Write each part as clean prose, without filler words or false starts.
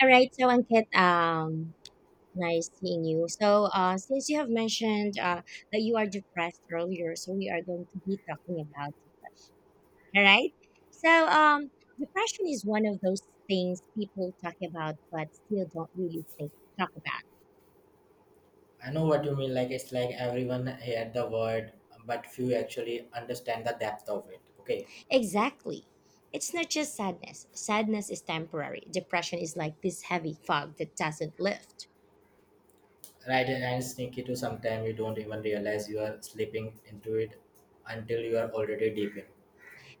All right, so Ankit, nice seeing you. So, since you have mentioned that you are depressed earlier, so we are going to be talking about depression. All right. So, um, Depression is one of those things people talk about but still don't really think talk about. I know what you mean. Like it's like everyone heard the word, but few actually understand the depth of it. Okay, Exactly. It's not just sadness. Sadness is temporary. Depression is like this heavy fog that doesn't lift. right? And sneaky to sometimes you don't even realize you are slipping into it until you are already deep in.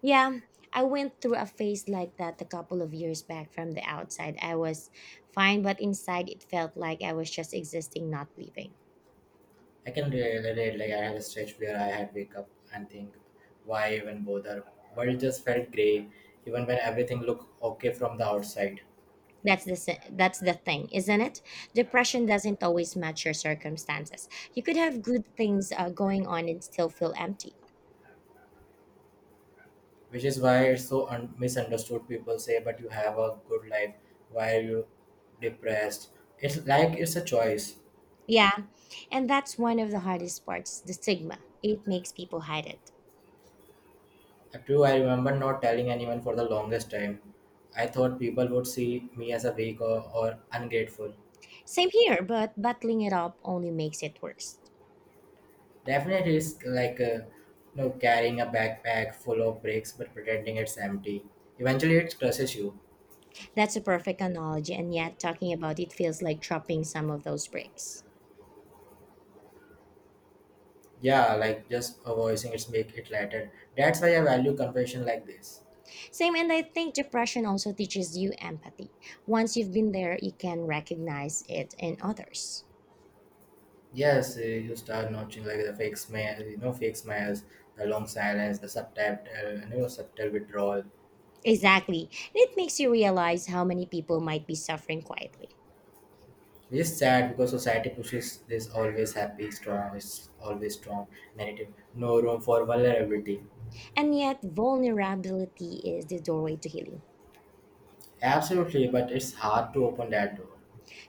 Yeah, I went through a phase like that a couple of years back. From the outside, I was fine, but inside it felt like I was just existing, not living. I can relate. Like I had a stretch where I had wake up and think, why even bother? World just felt grey, even when everything looked okay from the outside. That's the thing, isn't it? Depression doesn't always match your circumstances. You could have good things going on and still feel empty. Which is why it's so misunderstood. People say, but you have a good life. Why are you depressed? It's like it's a choice. Yeah, and that's one of the hardest parts, the stigma. It makes people hide it. True, I remember not telling anyone for the longest time. I thought people would see me as a weak or ungrateful. Same here, but bottling it up only makes it worse. Definitely, it's like carrying a backpack full of bricks but pretending it's empty. Eventually, it crushes you. That's a perfect analogy, and yet talking about it feels like dropping some of those bricks. Yeah, like just voicing it's make it lighter. That's why I value confession like this. Same, and I think depression also teaches you empathy. Once you've been there, you can recognize it in others. Yes, you start noticing like the fake fake smiles, the long silence, the subtle withdrawal. Exactly. It makes you realize how many people might be suffering quietly. It is sad because society pushes this always happy, strong, it's always strong narrative. No room for vulnerability. And yet, vulnerability is the doorway to healing. Absolutely, but it's hard to open that door.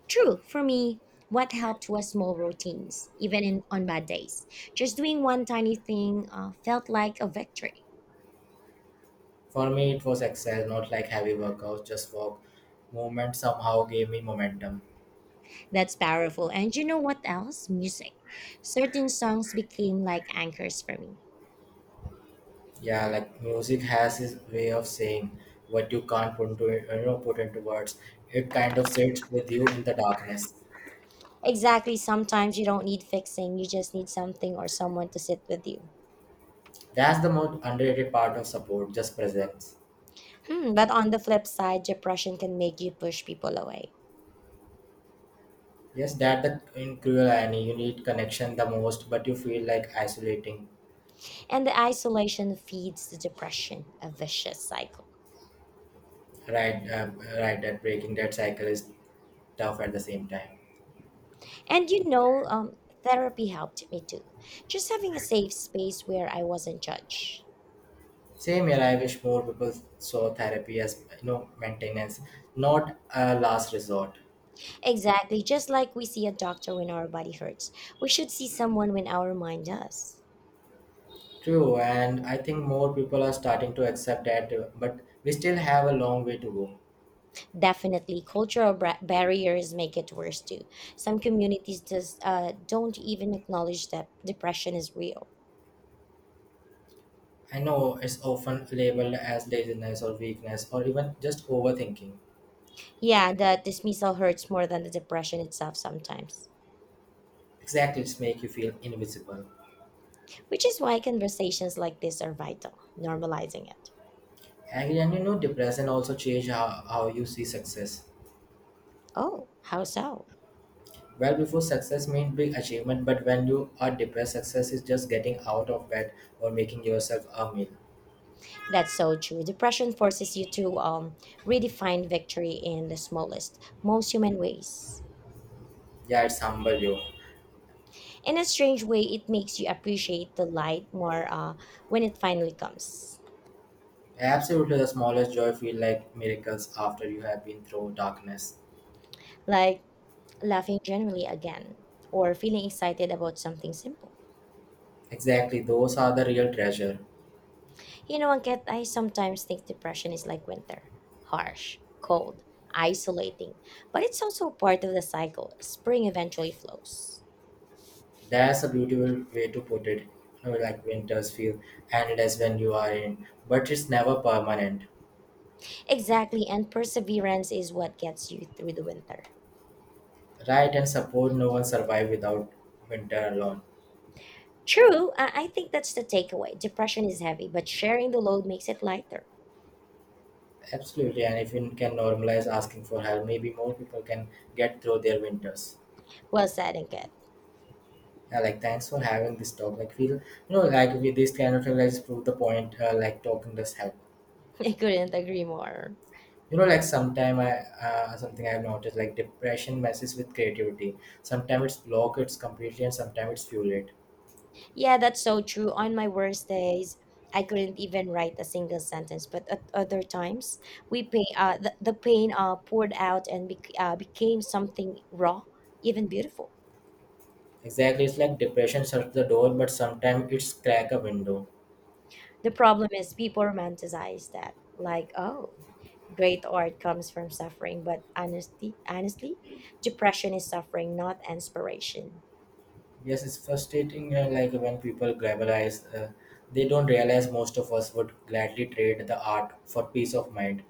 True, for me, what helped was small routines, even on bad days. Just doing one tiny thing felt like a victory. For me, it was exercise, not like heavy workouts, just walk. Movement somehow gave me momentum. That's powerful. And you know what else? Music. Certain songs became like anchors for me. Yeah, like music has its way of saying what you can't put into you know put into words. It kind of sits with you in the darkness. Exactly. Sometimes you don't need fixing, you just need something or someone to sit with you. That's the most underrated part of support, just presence. Hmm, but on the flip side, depression can make you push people away. Yes, that the in cruel irony, you need connection the most, but you feel like isolating. And the isolation feeds the depression, a vicious cycle. Right, uh, right. That breaking that cycle is tough at the same time. And you know, um, Therapy helped me too. Just having a safe space where I wasn't judged. Same here. I wish more people saw therapy as maintenance, not a last resort. Exactly. Just like we see a doctor when our body hurts, we should see someone when our mind does. True, and I think more people are starting to accept that, but we still have a long way to go. Definitely, cultural barriers make it worse too. Some communities just don't even acknowledge that depression is real. I know it's often labeled as laziness or weakness or even just overthinking. Yeah, the dismissal hurts more than the depression itself sometimes, Exactly, it's make you feel invisible. which is why conversations like this are vital, normalizing it. And depression also change how you see success. Oh, how so? Well, before success meant big achievement, but when you are depressed, success is just getting out of bed or making yourself a meal. That's so true. Depression forces you to redefine victory in the smallest, most human ways. Yeah, it's humble you. In a strange way, it makes you appreciate the light more when it finally comes. Absolutely, the smallest joy feel like miracles after you have been through darkness. Like, laughing generally again, or feeling excited about something simple. Exactly, those are the real treasure. You know, Angket, I sometimes think depression is like winter, harsh, cold, isolating, but it's also part of the cycle. Spring eventually flows. That's a beautiful way to put it. You know, like winters feel endless when you are in, but it's never permanent. Exactly, and perseverance is what gets you through the winter. Right, and support no one survive without winter alone. True, I think that's the takeaway. Depression is heavy, but sharing the load makes it lighter. Absolutely, and if you can normalize asking for help, maybe more people can get through their winters. Well said, Angket. Yeah, like thanks for having this talk. Like like with this kind of realize prove the point. Like talking does help. I couldn't agree more. You know, like sometime I something I've noticed like depression messes with creativity. Sometimes it's block it's completely, and sometimes it's fuel it. Yeah, that's so true. On my worst days, I couldn't even write a single sentence. But at other times, the pain poured out and became something raw, even beautiful. Exactly, it's like depression shuts the door, but sometimes it's crack a window. The problem is people romanticize that, like, oh, great art comes from suffering. But honestly, depression is suffering, not inspiration. Yes, it's frustrating. Like when people glamorize, they don't realize most of us would gladly trade the art for peace of mind.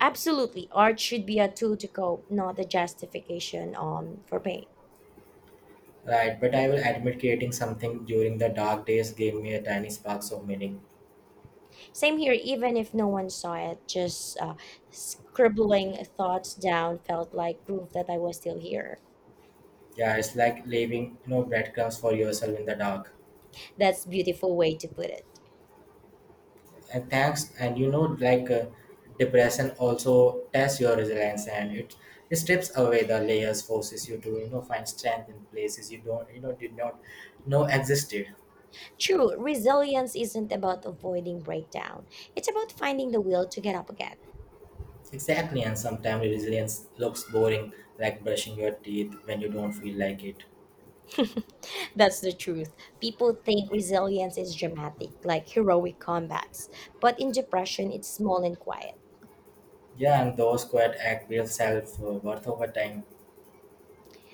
Absolutely, art should be a tool to cope, not a justification for pain. Right, but I will admit creating something during the dark days gave me a tiny sparks of meaning. Same here, even if no one saw it, just scribbling thoughts down felt like proof that I was still here. Yeah, it's like leaving breadcrumbs for yourself in the dark. That's beautiful way to put it. And thanks, and depression also tests your resilience, and it strips away the layers, forces you to find strength in places you don't you know did not know existed. True, resilience isn't about avoiding breakdown. It's about finding the will to get up again. Exactly, and sometimes resilience looks boring, like brushing your teeth when you don't feel like it. That's the truth. People think resilience is dramatic, like heroic combats, but in depression it's small and quiet. Yeah, and those quiet act build self worth over time.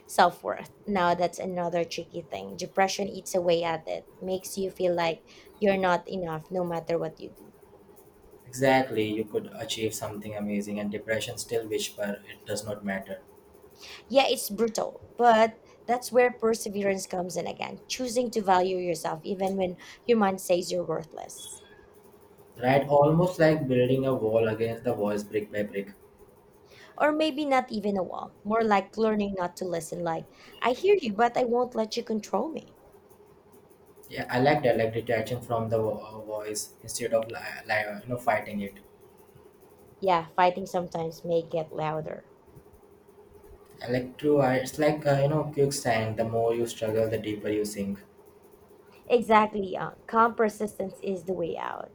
Self-worth. Now that's another tricky thing. Depression eats away at it, makes you feel like you're not enough no matter what you do. Exactly, you could achieve something amazing, and depression still whisper it does not matter. Yeah, it's brutal, but that's where perseverance comes in again, choosing to value yourself even when your mind says you're worthless. Right, almost like building a wall against the walls brick by brick. Or maybe not even a wall, more like learning not to listen, like, I hear you, but I won't let you control me. Yeah, I like that, like detaching from the voice instead of fighting it. Yeah, fighting sometimes may get louder. I like to, I, It's like quicksand. The more you struggle, the deeper you sink. Exactly, calm persistence is the way out.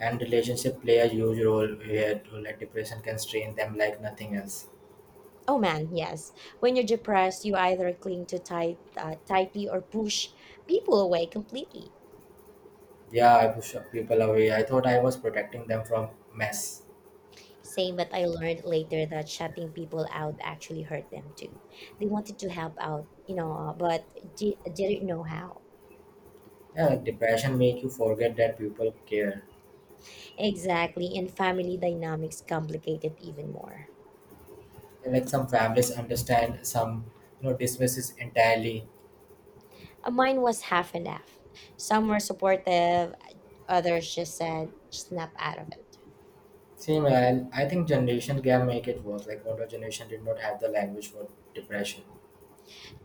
And relationship play a huge role here too. Like depression can strain them like nothing else. Oh man, yes. When you're depressed, you either tightly or push people away completely. Yeah, I push people away. I thought I was protecting them from mess. Same, but I learned later that shutting people out actually hurt them too. They wanted to help out, you know, didn't know how. Yeah, like depression make you forget that people care. Exactly, and family dynamics complicated even more. Like some families understand, some dismisses entirely. Mine was half and half. Some were supportive, others just said, snap out of it. Same, and I think generation can make it worse. Like older generation did not have the language for depression.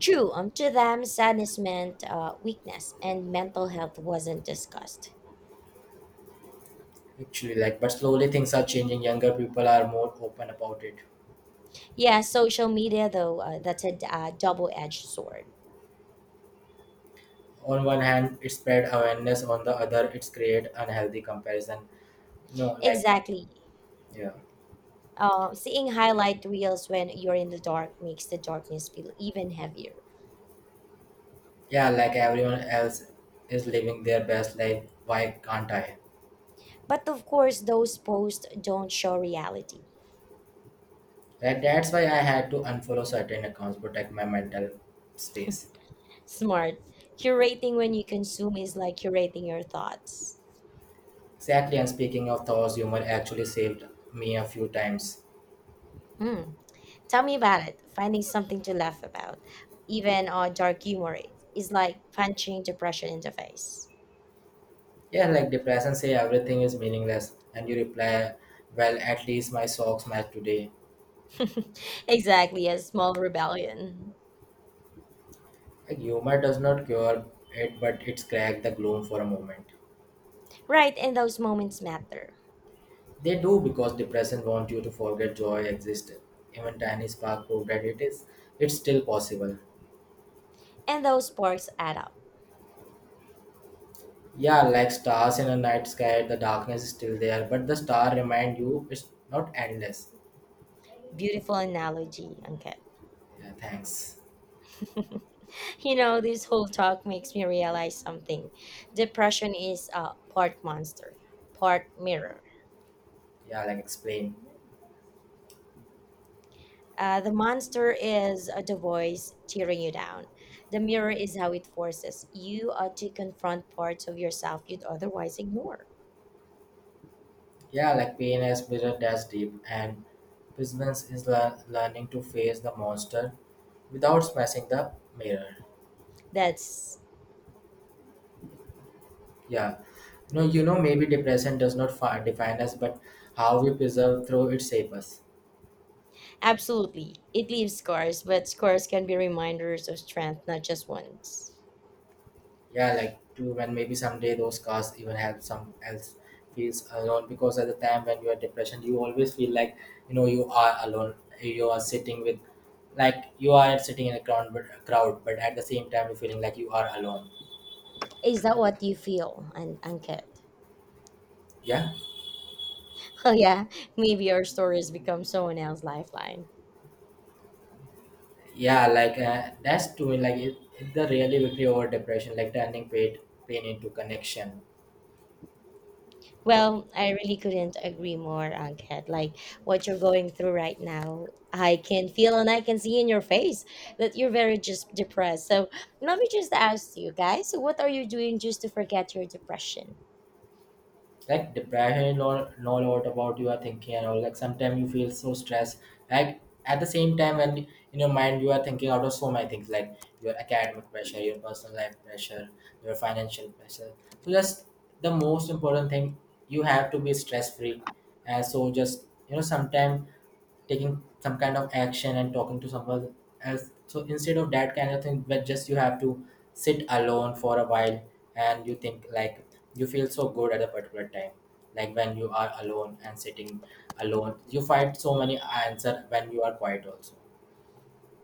True, to them, sadness meant weakness, and mental health wasn't discussed. Actually, like but slowly things are changing. Younger people are more open about it. Yeah, social media, though, that's a double edged sword. On one hand it spread awareness, on the other it's create unhealthy comparison. No, like Exactly. yeah. Seeing highlight reels when you're in the dark makes the darkness feel even heavier. Yeah, like everyone else is living their best life, why can't I? But of course, those posts don't show reality. Like that's why I had to unfollow certain accounts, protect my mental space. Smart. Curating when you consume is like curating your thoughts. Exactly, and speaking of thor's humor actually saved me a few times. Hmm. Tell me about it. Finding something to laugh about, even dark humor, is like punching depression in the face. Yeah, like depression say everything is meaningless and you reply, well at least my socks match today. Exactly, a small rebellion. Like humor does not cure it, but it's cracked the gloom for a moment. Right, and those moments matter. They do because depression wants you to forget joy existed. Even tiny spark proved that it is. It's still possible. And those sparks add up. Yeah, like stars in a night sky, the darkness is still there, but the star remind you it's not endless. Beautiful analogy, Ankit. Yeah, thanks. You know, this whole talk makes me realize something. Depression is a part monster, part mirror. Yeah, like explain. The monster is the voice tearing you down. The mirror is how it forces you to confront parts of yourself you'd otherwise ignore. Yeah, like pain as bitter that's deep, and Prisoners is learning to face the monster without smashing the mirror. That's Yeah. No, you know, maybe depression does not define us, but how we preserve through it shapes us. absolutely. It leaves scars, but scars can be reminders of strength, not just wounds. Yeah, like two, and maybe someday those cars even help some else feels alone, because at the time when you are depression you always feel like you know you are alone, you are sitting with, like you are sitting in a crowd but at the same time you're feeling like you are alone. Is that what you feel? And Yeah, Oh, yeah. Maybe our stories become someone else's lifeline. yeah, like that's to me like the really victory over depression, like turning pain into connection. Well, I really couldn't agree more, Ankit. Like what you're going through right now, I can feel and I can see in your face that you're very just depressed. So let me just ask you guys, what are you doing just to forget your depression? Like depression or know a lot about you are thinking and all, like sometimes you feel so stressed, like at the same time when in your mind you are thinking out of so many things, like your academic pressure, your personal life pressure, your financial pressure, so just the most important thing, you have to be stress free. So just you know sometime taking some kind of action and talking to someone else, so instead of that kind of thing but just you have to sit alone for a while and you think like you feel so good at a particular time, like when you are alone and sitting alone you find so many answer when you are quiet also.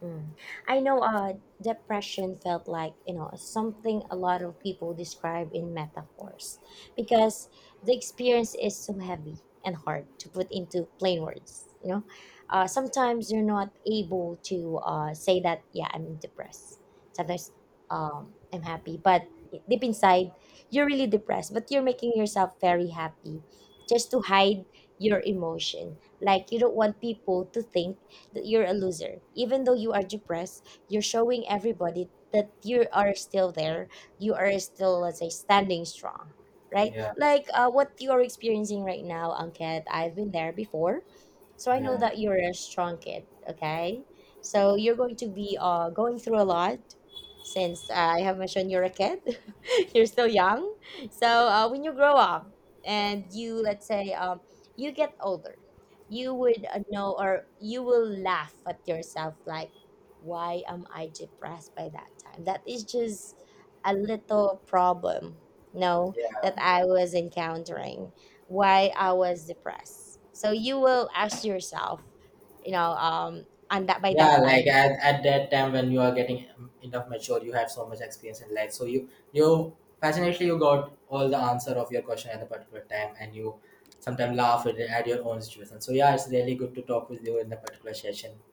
Mm. I know depression felt like, you know, something a lot of people describe in metaphors because the experience is so heavy and hard to put into plain words, you know. Sometimes you're not able to say that, yeah, I'm depressed. Sometimes I'm happy, but deep inside, you're really depressed, but you're making yourself very happy just to hide your emotion. Like you don't want people to think that you're a loser. Even though you are depressed, you're showing everybody that you are still there. You are still, let's say, standing strong, right? Yeah. Like what you are experiencing right now, Ankit. I've been there before, so I know Yeah. that you're a strong kid. Okay, so you're going to be going through a lot. Since I have mentioned you're a kid, you're still young. So when you grow up and you, let's say, you get older, you would know, or you will laugh at yourself like, why am I depressed? By that time that is just a little problem, no, Yeah. that I was encountering. Why I was depressed? So you will ask yourself, you know, and that by Yeah, that like time at that time when you are getting enough mature you have so much experience in life, so you fascinatingly you got all the answer of your question at the particular time, and you sometimes laugh at your own situation. So yeah, it's really good to talk with you in the particular session.